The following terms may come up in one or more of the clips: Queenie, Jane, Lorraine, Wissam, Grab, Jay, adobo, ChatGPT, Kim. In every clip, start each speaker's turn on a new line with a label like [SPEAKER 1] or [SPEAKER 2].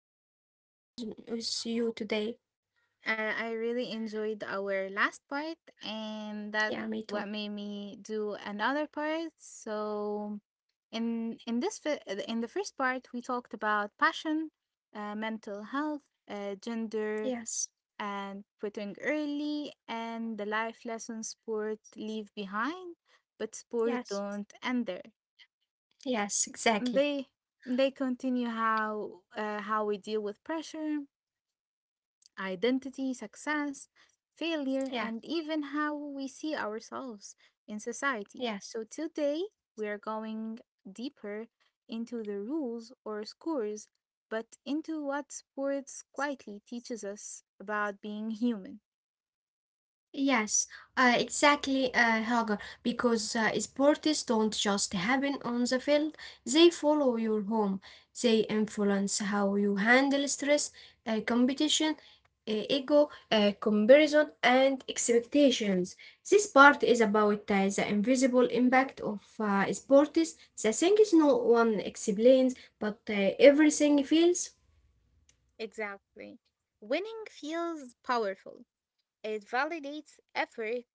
[SPEAKER 1] for being with you today.
[SPEAKER 2] I really enjoyed our last part, and that
[SPEAKER 1] Yeah, me
[SPEAKER 2] what
[SPEAKER 1] too.
[SPEAKER 2] made me do another part. So, in in the first part, we talked about passion, mental health, gender,
[SPEAKER 1] Yes,
[SPEAKER 2] and quitting early and the life lessons sport leave behind, but sport
[SPEAKER 1] yes,
[SPEAKER 2] don't end there.
[SPEAKER 1] yes, exactly.
[SPEAKER 2] They they continue how we deal with pressure, identity, success, failure,
[SPEAKER 1] Yeah,
[SPEAKER 2] and even how we see ourselves in society.
[SPEAKER 1] yes.
[SPEAKER 2] So today we are going deeper into the rules or scores, but into what sports quietly teaches us about being human.
[SPEAKER 1] Yes, exactly, Helga, because sports don't just happen on the field, they follow your home. They influence how you handle stress, competition, ego, comparison, and expectations. This part is about the invisible impact of sports, the things no one explains, but everything feels.
[SPEAKER 2] Exactly. Winning feels powerful. It validates effort,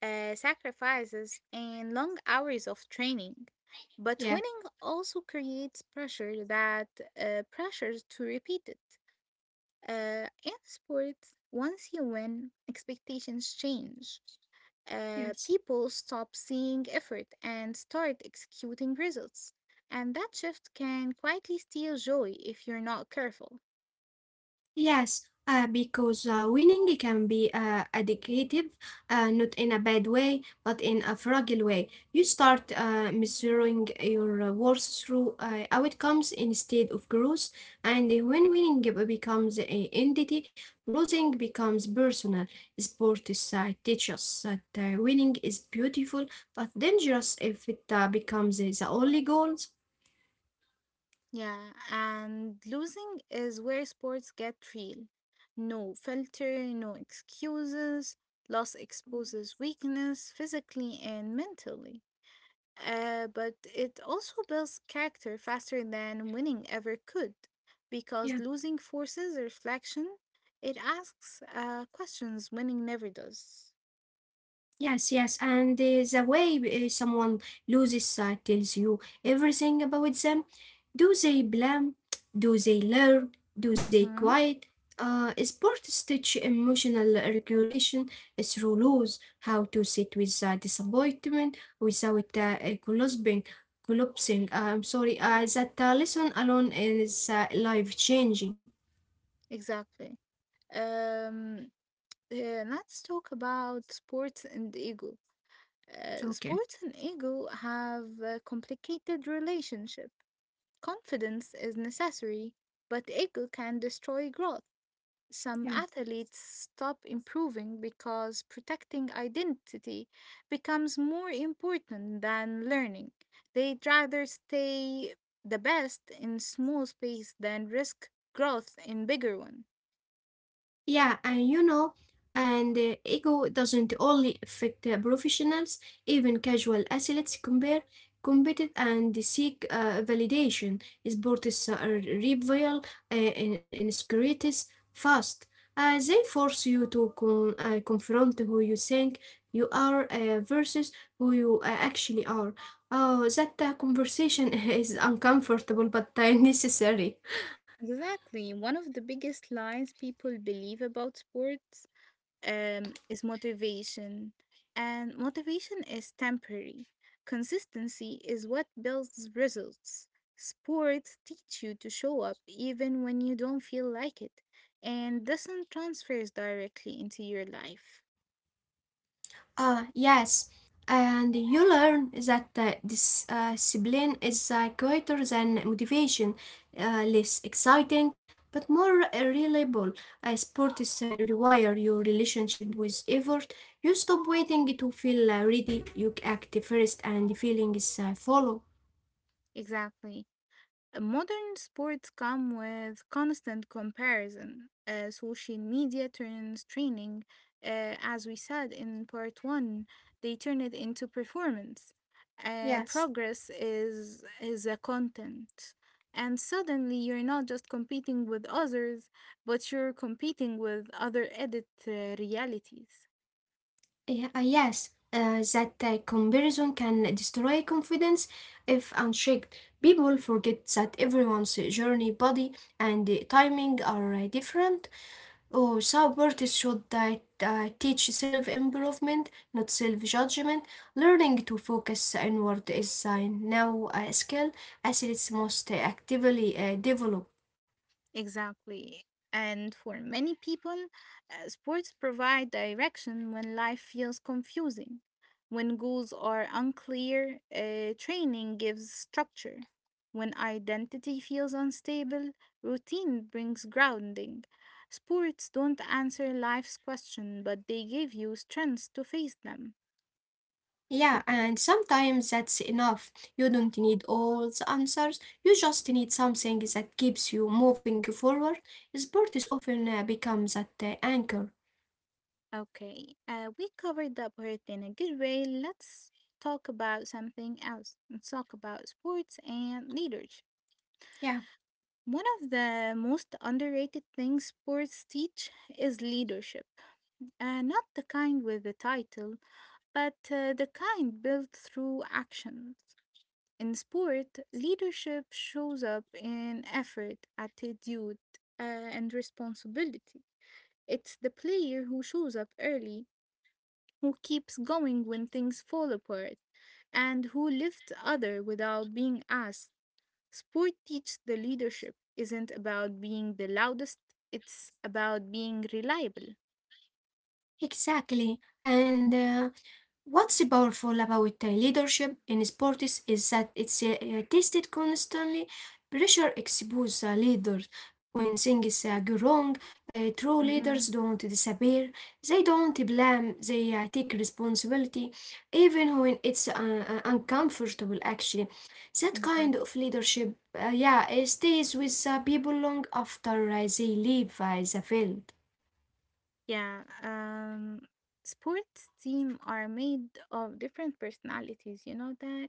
[SPEAKER 2] sacrifices, and long hours of training. But
[SPEAKER 1] Yeah,
[SPEAKER 2] winning also creates pressure that pressures to repeat it. In sports, once you win, expectations change. Uh,
[SPEAKER 1] yes.
[SPEAKER 2] people stop seeing effort and start executing results. And that shift can quietly steal joy if you're not careful.
[SPEAKER 1] Yes, because winning can be addictive, not in a bad way, but in a fragile way. You start measuring your worth through outcomes instead of growth, and when winning becomes an entity, losing becomes personal. Sports teaches that winning is beautiful but dangerous if it becomes the only goal.
[SPEAKER 2] Yeah, and losing is where sports get real. No filter, no excuses. Loss exposes weakness physically and mentally. But it also builds character faster than winning ever could, because
[SPEAKER 1] Yeah.
[SPEAKER 2] losing forces reflection. It asks questions winning never does.
[SPEAKER 1] Yes, yes, and the way someone loses sight tells you everything about them. Do they blame? Do they learn? Do they
[SPEAKER 2] Mm-hmm.
[SPEAKER 1] quiet? Sports teach emotional regulation through rules, how to sit with disappointment without collapsing. I'm sorry, that lesson alone is life changing.
[SPEAKER 2] Exactly. Um, let's talk about sports and ego. Uh,
[SPEAKER 1] Okay,
[SPEAKER 2] sports and ego have a complicated relationship. Confidence is necessary, but ego can destroy growth.
[SPEAKER 1] yeah.
[SPEAKER 2] Some athletes stop improving because protecting identity becomes more important than learning. They'd rather stay the best in small space than risk growth in bigger one.
[SPEAKER 1] Yeah, and you know, and ego doesn't only affect professionals, even casual athletes compare, compete and seek validation. Sports are rival in securities fast. They force you to confront who you think you are versus who you actually are. Oh, that conversation is uncomfortable but necessary.
[SPEAKER 2] Exactly. One of the biggest lies people believe about sports is motivation, and motivation is temporary. Consistency is what builds results. Sports teach you to show up even when you don't feel like it, and doesn't transfers directly into your life.
[SPEAKER 1] Ah, yes. And you learn that this discipline is greater than motivation, less exciting, but more reliable. Sports require your relationship with effort. You stop waiting to feel ready, you act first, and the feeling is follow.
[SPEAKER 2] Exactly. Modern sports come with constant comparison. Social media turns training, as we said in part one, they turn it into performance. Uh,
[SPEAKER 1] Yes.
[SPEAKER 2] progress is a content, and suddenly you're not just competing with others, but you're competing with other edit realities.
[SPEAKER 1] Yeah, yes, that comparison can destroy confidence if unchecked. People forget that everyone's journey, body, and timing are different. Oh, support is should teach self improvement, not self judgment. Learning to focus inward is now a skill athletes must actively develop.
[SPEAKER 2] Exactly. And for many people, sports provide direction when life feels confusing. When goals are unclear, training gives structure. When identity feels unstable, routine brings grounding. Sports don't answer life's question, but they give you strength to face them.
[SPEAKER 1] Yeah, and sometimes that's enough. You don't need all the answers. You just need something that keeps you moving forward. Sport is often becomes that anchor.
[SPEAKER 2] Okay, we covered up hurt in a good way. Let's talk about something else. Let's talk about sports and leadership.
[SPEAKER 1] Yeah,
[SPEAKER 2] One of the most underrated things sports teach is leadership. Not the kind with the title, but the kind built through action. In sport, leadership shows up in effort, attitude, and responsibility. It's the player who shows up early, who keeps going when things fall apart, and who lifts others without being asked. Sport teaches the leadership isn't about being the loudest, it's about being reliable.
[SPEAKER 1] exactly. And What's so powerful about leadership in sports is that it's tested constantly. Pressure exposes leaders when things go wrong. True
[SPEAKER 2] Mm-hmm.
[SPEAKER 1] leaders don't disappear. They don't blame. They take responsibility, even when it's uncomfortable. Actually, that kind
[SPEAKER 2] Exactly.
[SPEAKER 1] of leadership, yeah, it stays with people long after they leave the field.
[SPEAKER 2] Yeah, sports team are made of different personalities, you know that?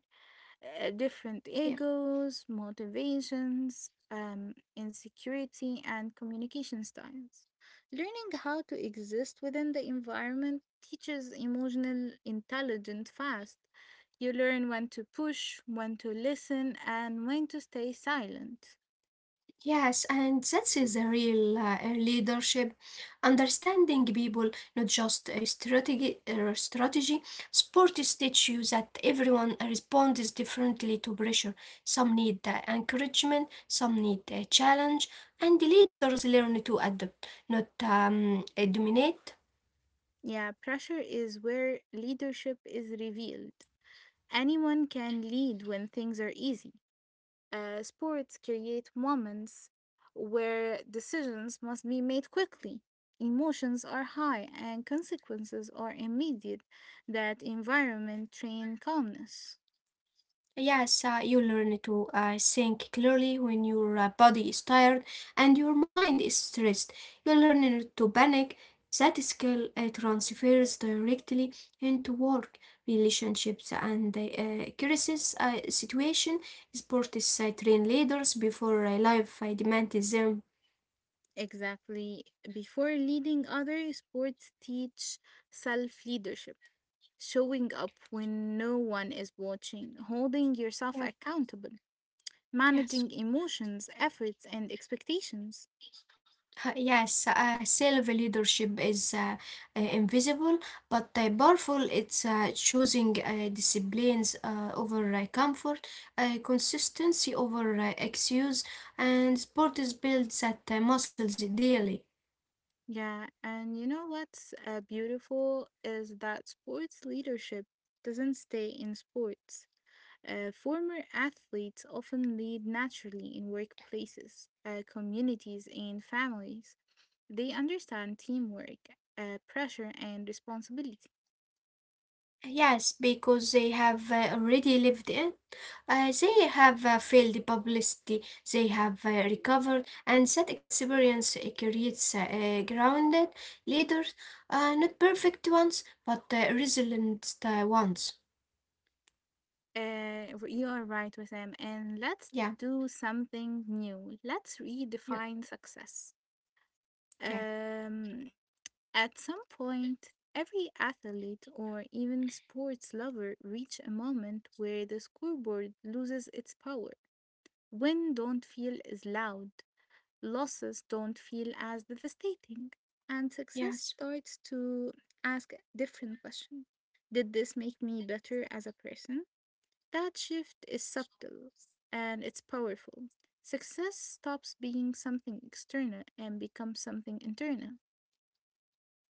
[SPEAKER 2] Different
[SPEAKER 1] Yeah.
[SPEAKER 2] egos, motivations, insecurity, and communication styles. Learning how to exist within the environment teaches emotional intelligence fast. You learn when to push, when to listen, and when to stay silent.
[SPEAKER 1] Yes, and that is a real leadership, understanding people, not just a strategy. Sport teach you that everyone responds differently to pressure. Some need encouragement, some need a challenge, and the leaders learn to adapt, not dominate.
[SPEAKER 2] Yeah, pressure is where leadership is revealed. Anyone can lead when things are easy. Sports create moments where decisions must be made quickly. Emotions are high and consequences are immediate. That environment train calmness.
[SPEAKER 1] Yes, you learn to think clearly when your body is tired and your mind is stressed. You learn not to panic. That skill transfers directly into work, relationships, and crisis situation. Sports train leaders before life demands them.
[SPEAKER 2] Exactly. Before leading others, sports teach self leadership, showing up when no one is watching, holding yourself
[SPEAKER 1] Yeah.
[SPEAKER 2] accountable, managing
[SPEAKER 1] Yes.
[SPEAKER 2] emotions, efforts, and expectations.
[SPEAKER 1] Yes, self leadership is invisible but powerful. It's choosing disciplines over comfort, consistency over excuse, and sport is builds that muscles daily.
[SPEAKER 2] Yeah, and you know what's beautiful is that sports leadership doesn't stay in sports. Former athletes often lead naturally in workplaces, communities, and families. They understand teamwork, pressure, and responsibility.
[SPEAKER 1] Yes, because they have already lived it. They have failed the publicity, they have recovered, and that experience creates grounded leaders, not perfect ones, but resilient ones.
[SPEAKER 2] You are right with them. And let's
[SPEAKER 1] Yeah,
[SPEAKER 2] do something new. Let's
[SPEAKER 1] yeah,
[SPEAKER 2] redefine success.
[SPEAKER 1] okay,
[SPEAKER 2] Um, At some point, every athlete or even sports lover reach a moment where the scoreboard loses its power. Wins don't feel as loud, losses don't feel as devastating, and
[SPEAKER 1] yeah.
[SPEAKER 2] success starts to ask a different question. Did this make me better as a person? That shift is subtle and it's powerful. Success stops being something external and becomes something internal.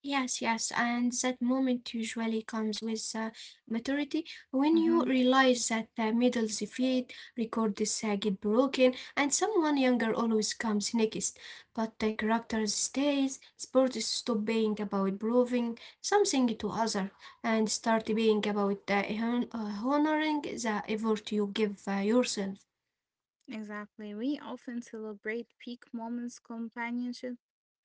[SPEAKER 1] Yes, yes, and that moment usually comes with maturity when you
[SPEAKER 2] Mhm.
[SPEAKER 1] realize that the middle's feet records get broken and someone younger always comes next. But the character stays, sports stop being about proving something to other and start being about honoring the effort you give yourself.
[SPEAKER 2] Exactly. We often celebrate peak moments, companionship,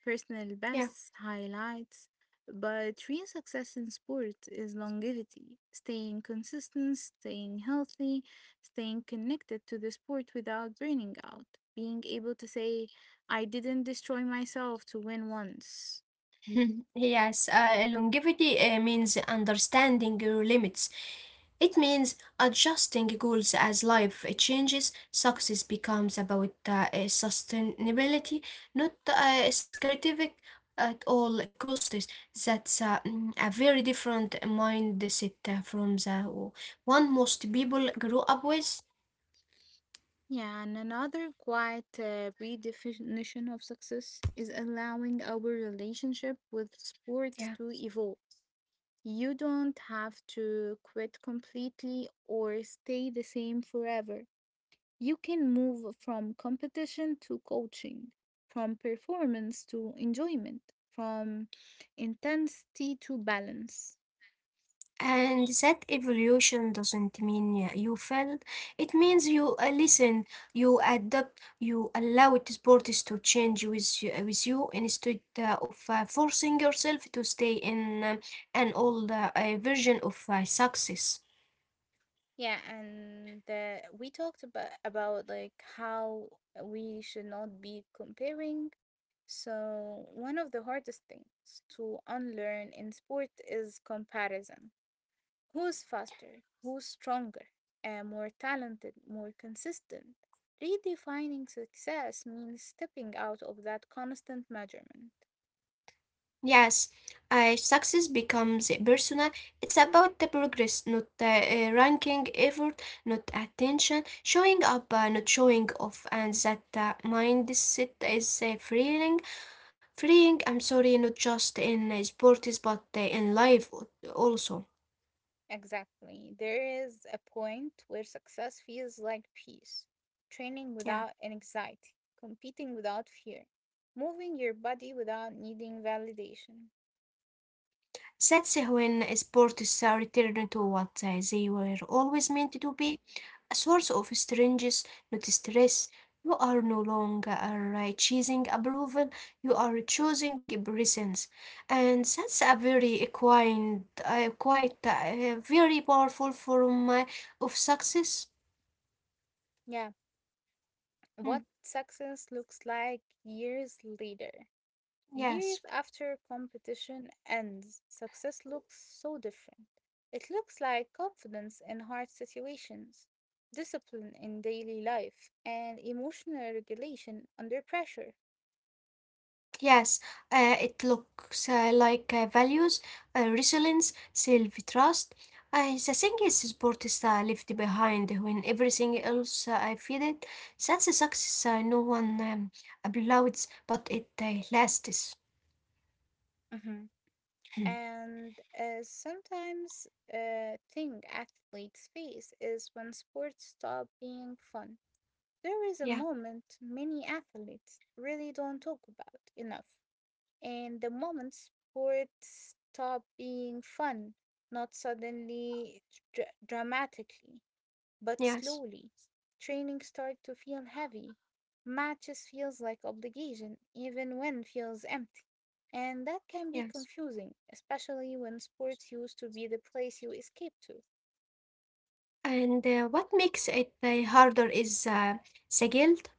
[SPEAKER 2] personal
[SPEAKER 1] Yeah.
[SPEAKER 2] bests, highlights, but real success in sport is longevity, staying consistent, staying healthy, staying connected to the sport without burning out, being able to say, I didn't destroy myself to win once.
[SPEAKER 1] Yes, longevity means understanding your limits. It means adjusting goals as life changes. Success becomes about sustainability, not scarcity at all costs. That's a very different mindset from the one most people grow up with.
[SPEAKER 2] Yeah, and another quiet redefinition of success is allowing our relationship with sport
[SPEAKER 1] Yeah.
[SPEAKER 2] to evolve. You don't have to quit completely or stay the same forever. You can move from competition to coaching, from performance to enjoyment, from intensity to balance.
[SPEAKER 1] And that evolution doesn't mean you failed. It means you listen, you adapt, you allow sports to change with you, instead of forcing yourself to stay in an old version of success.
[SPEAKER 2] Yeah, and we talked about like how we should not be comparing. So one of the hardest things to unlearn in sport is comparison. Who's faster? Who's stronger? More talented? More consistent? Redefining success means stepping out of that constant measurement.
[SPEAKER 1] Yes, success becomes personal. It's about the progress, not ranking effort, not attention, showing up, not showing off, and that mindset is freeing. I'm sorry, not just in sports but in life al- also.
[SPEAKER 2] Exactly. There is a point where success feels like peace, training without
[SPEAKER 1] Yeah,
[SPEAKER 2] anxiety, competing without fear, moving your body without needing validation.
[SPEAKER 1] that's when sports are returned to what they were always meant to be a source of strength, not stress. You are no longer choosing approval, you are choosing presence. And that's a very quite, quite very powerful form of success.
[SPEAKER 2] Yeah, what
[SPEAKER 1] Mm,
[SPEAKER 2] success looks like years later. Years
[SPEAKER 1] yes.
[SPEAKER 2] after competition ends, success looks so different. It looks like confidence in hard situations, discipline in daily life, and emotional regulation under pressure.
[SPEAKER 1] Yes, it looks like values, resilience, self-trust. The thing is, sport is left behind when everything else I feel it. That's a success no one applauds, but it lasts.
[SPEAKER 2] Hmm. And sometimes a thing athletes face is when sports stop being fun. There is a
[SPEAKER 1] Yeah,
[SPEAKER 2] moment many athletes really don't talk about enough. And the moment sport stopped being fun, not suddenly, dramatically, but
[SPEAKER 1] yes,
[SPEAKER 2] slowly, training started to feel heavy. Matches feels like obligation, even when feels empty. And that can be
[SPEAKER 1] yes.
[SPEAKER 2] confusing, especially when sports used to be the place you escape to.
[SPEAKER 1] And what makes it harder is the guilt.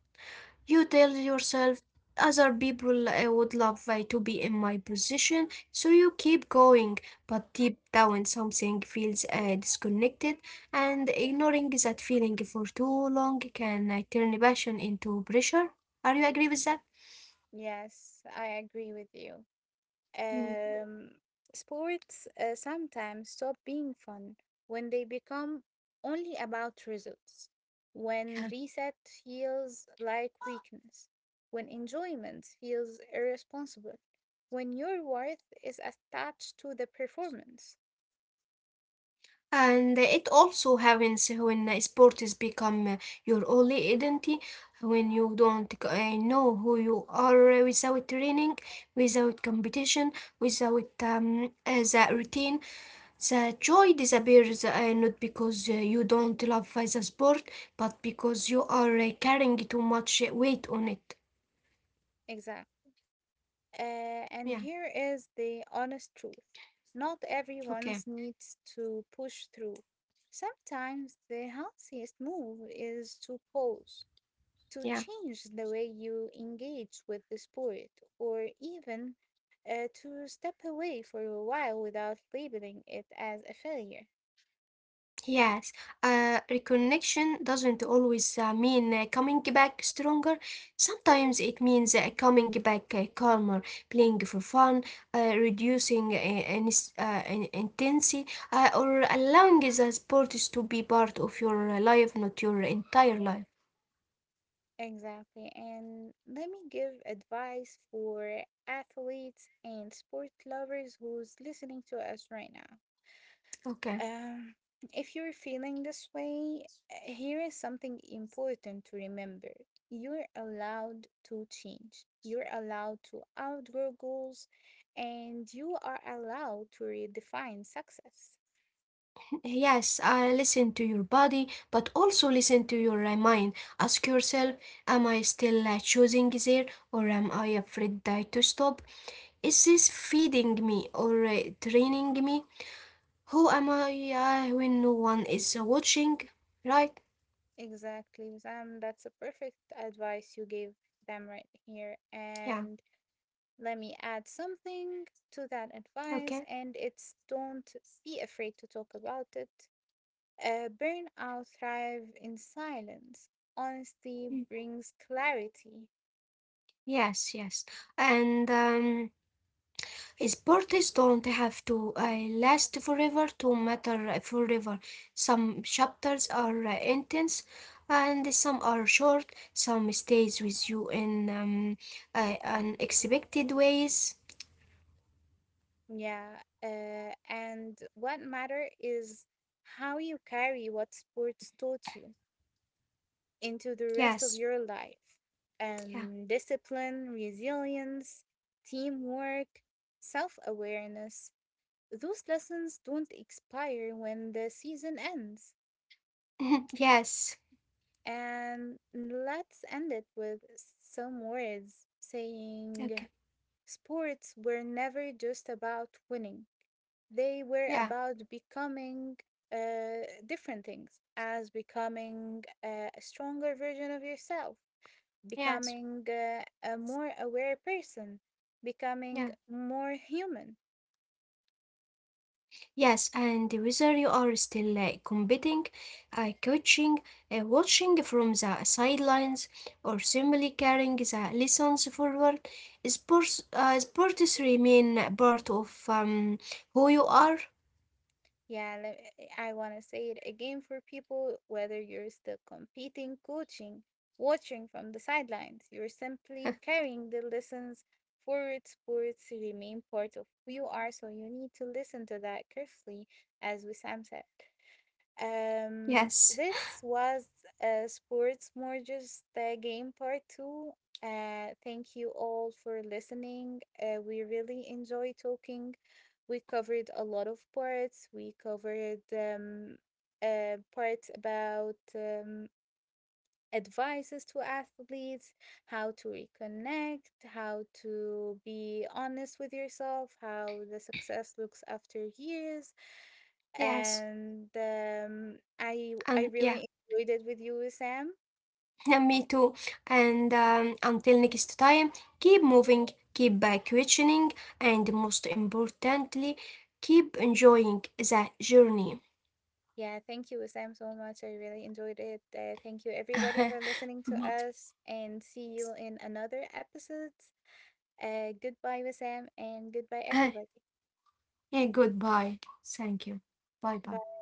[SPEAKER 1] You tell yourself other people would love to be in my position, so you keep going, but deep down something feels disconnected, and ignoring that feeling for too long can turn passion into pressure. Are you agree with that?
[SPEAKER 2] Yes, I agree with you.
[SPEAKER 1] Mm.
[SPEAKER 2] Um, sports sometimes stop being fun when they become only about results, when
[SPEAKER 1] Yeah.
[SPEAKER 2] reset feels like weakness, when enjoyment feels irresponsible, when your worth is attached to the performance.
[SPEAKER 1] And it also happens when sport is become your only identity, when you don't know who you are without training, without competition, without the routine. The joy disappears not because you don't love the sport, but because you are carrying too much weight on it.
[SPEAKER 2] Exactly. Uh,
[SPEAKER 1] Yeah,
[SPEAKER 2] and here is the honest truth, not
[SPEAKER 1] okay,
[SPEAKER 2] everyone needs to push through. Sometimes the healthiest move is to pause, to
[SPEAKER 1] yeah.
[SPEAKER 2] change the way you engage with the sport, or even to step away for a while without labeling it as a failure.
[SPEAKER 1] Yes, reconnection doesn't always mean coming back stronger. Sometimes it means coming back calmer, playing for fun, reducing intensity, or allowing the sports to be part of your life, not your entire life.
[SPEAKER 2] Exactly. And let me give advice for athletes and sport lovers who's listening to us right now.
[SPEAKER 1] Okay.
[SPEAKER 2] Um, if you're feeling this way, here is something important to remember. You're allowed to change. You're allowed to outgrow goals and you are allowed to redefine success.
[SPEAKER 1] Yes, I listen to your body, but also listen to your mind. Ask yourself, am I still choosing there or am I afraid to stop? Is this feeding me or training me? Who am I when no one is watching? Right?
[SPEAKER 2] Exactly, Sam. That's a perfect advice you gave them right here.
[SPEAKER 1] Yeah,
[SPEAKER 2] And let me add something to that
[SPEAKER 1] okay.
[SPEAKER 2] advice, and it's don't be afraid to talk about it. Burnout thrive in silence. Honesty
[SPEAKER 1] Mm.
[SPEAKER 2] brings clarity.
[SPEAKER 1] Yes, yes. And sports don't have to last forever to matter forever. Some chapters are intense and some are short. Some stays with you in unexpected ways.
[SPEAKER 2] Yeah. And what matter is how you carry what sports taught you into the rest of
[SPEAKER 1] Yes.
[SPEAKER 2] your life.
[SPEAKER 1] Yeah.
[SPEAKER 2] Discipline, resilience, teamwork, self awareness. Those lessons don't expire when the season ends.
[SPEAKER 1] Yes.
[SPEAKER 2] And let's end it with some words saying,
[SPEAKER 1] Okay.
[SPEAKER 2] sports were never just about winning, they were
[SPEAKER 1] Yeah.
[SPEAKER 2] about becoming different things, as becoming a stronger version of yourself,
[SPEAKER 1] Yes.
[SPEAKER 2] becoming a more aware person, becoming
[SPEAKER 1] Yeah.
[SPEAKER 2] more human.
[SPEAKER 1] Yes, and whether you are still competing, coaching, watching from the sidelines, or simply carrying the lessons forward, sports remain a part of who you are.
[SPEAKER 2] Yeah, I want to say it again for people, whether you're still competing, coaching, watching from the sidelines, you're simply carrying the lessons forward. Sports remain part of who you are, so you need to listen to that carefully, as Wissam said. Um,
[SPEAKER 1] Yes,
[SPEAKER 2] this was Sports Morges the Game Part 2. Thank you all for listening. We really enjoy talking. We covered a lot of parts. We covered parts about advices to athletes, how to reconnect, how to be honest with yourself, how the success looks after years,
[SPEAKER 1] yes,
[SPEAKER 2] and um, I
[SPEAKER 1] and
[SPEAKER 2] I
[SPEAKER 1] yeah,
[SPEAKER 2] really enjoyed it with you, Sam.
[SPEAKER 1] and me too. And until next time, keep moving, keep questioning, and most importantly, keep enjoying the journey.
[SPEAKER 2] Yeah, thank you, Sam, so much. I really enjoyed it. Thank you, everybody, for listening to
[SPEAKER 1] Me
[SPEAKER 2] us, and see you in another episode. Goodbye, Sam, and goodbye,
[SPEAKER 1] too.
[SPEAKER 2] everybody.
[SPEAKER 1] Hey, goodbye. Thank you. Bye bye.
[SPEAKER 2] Bye.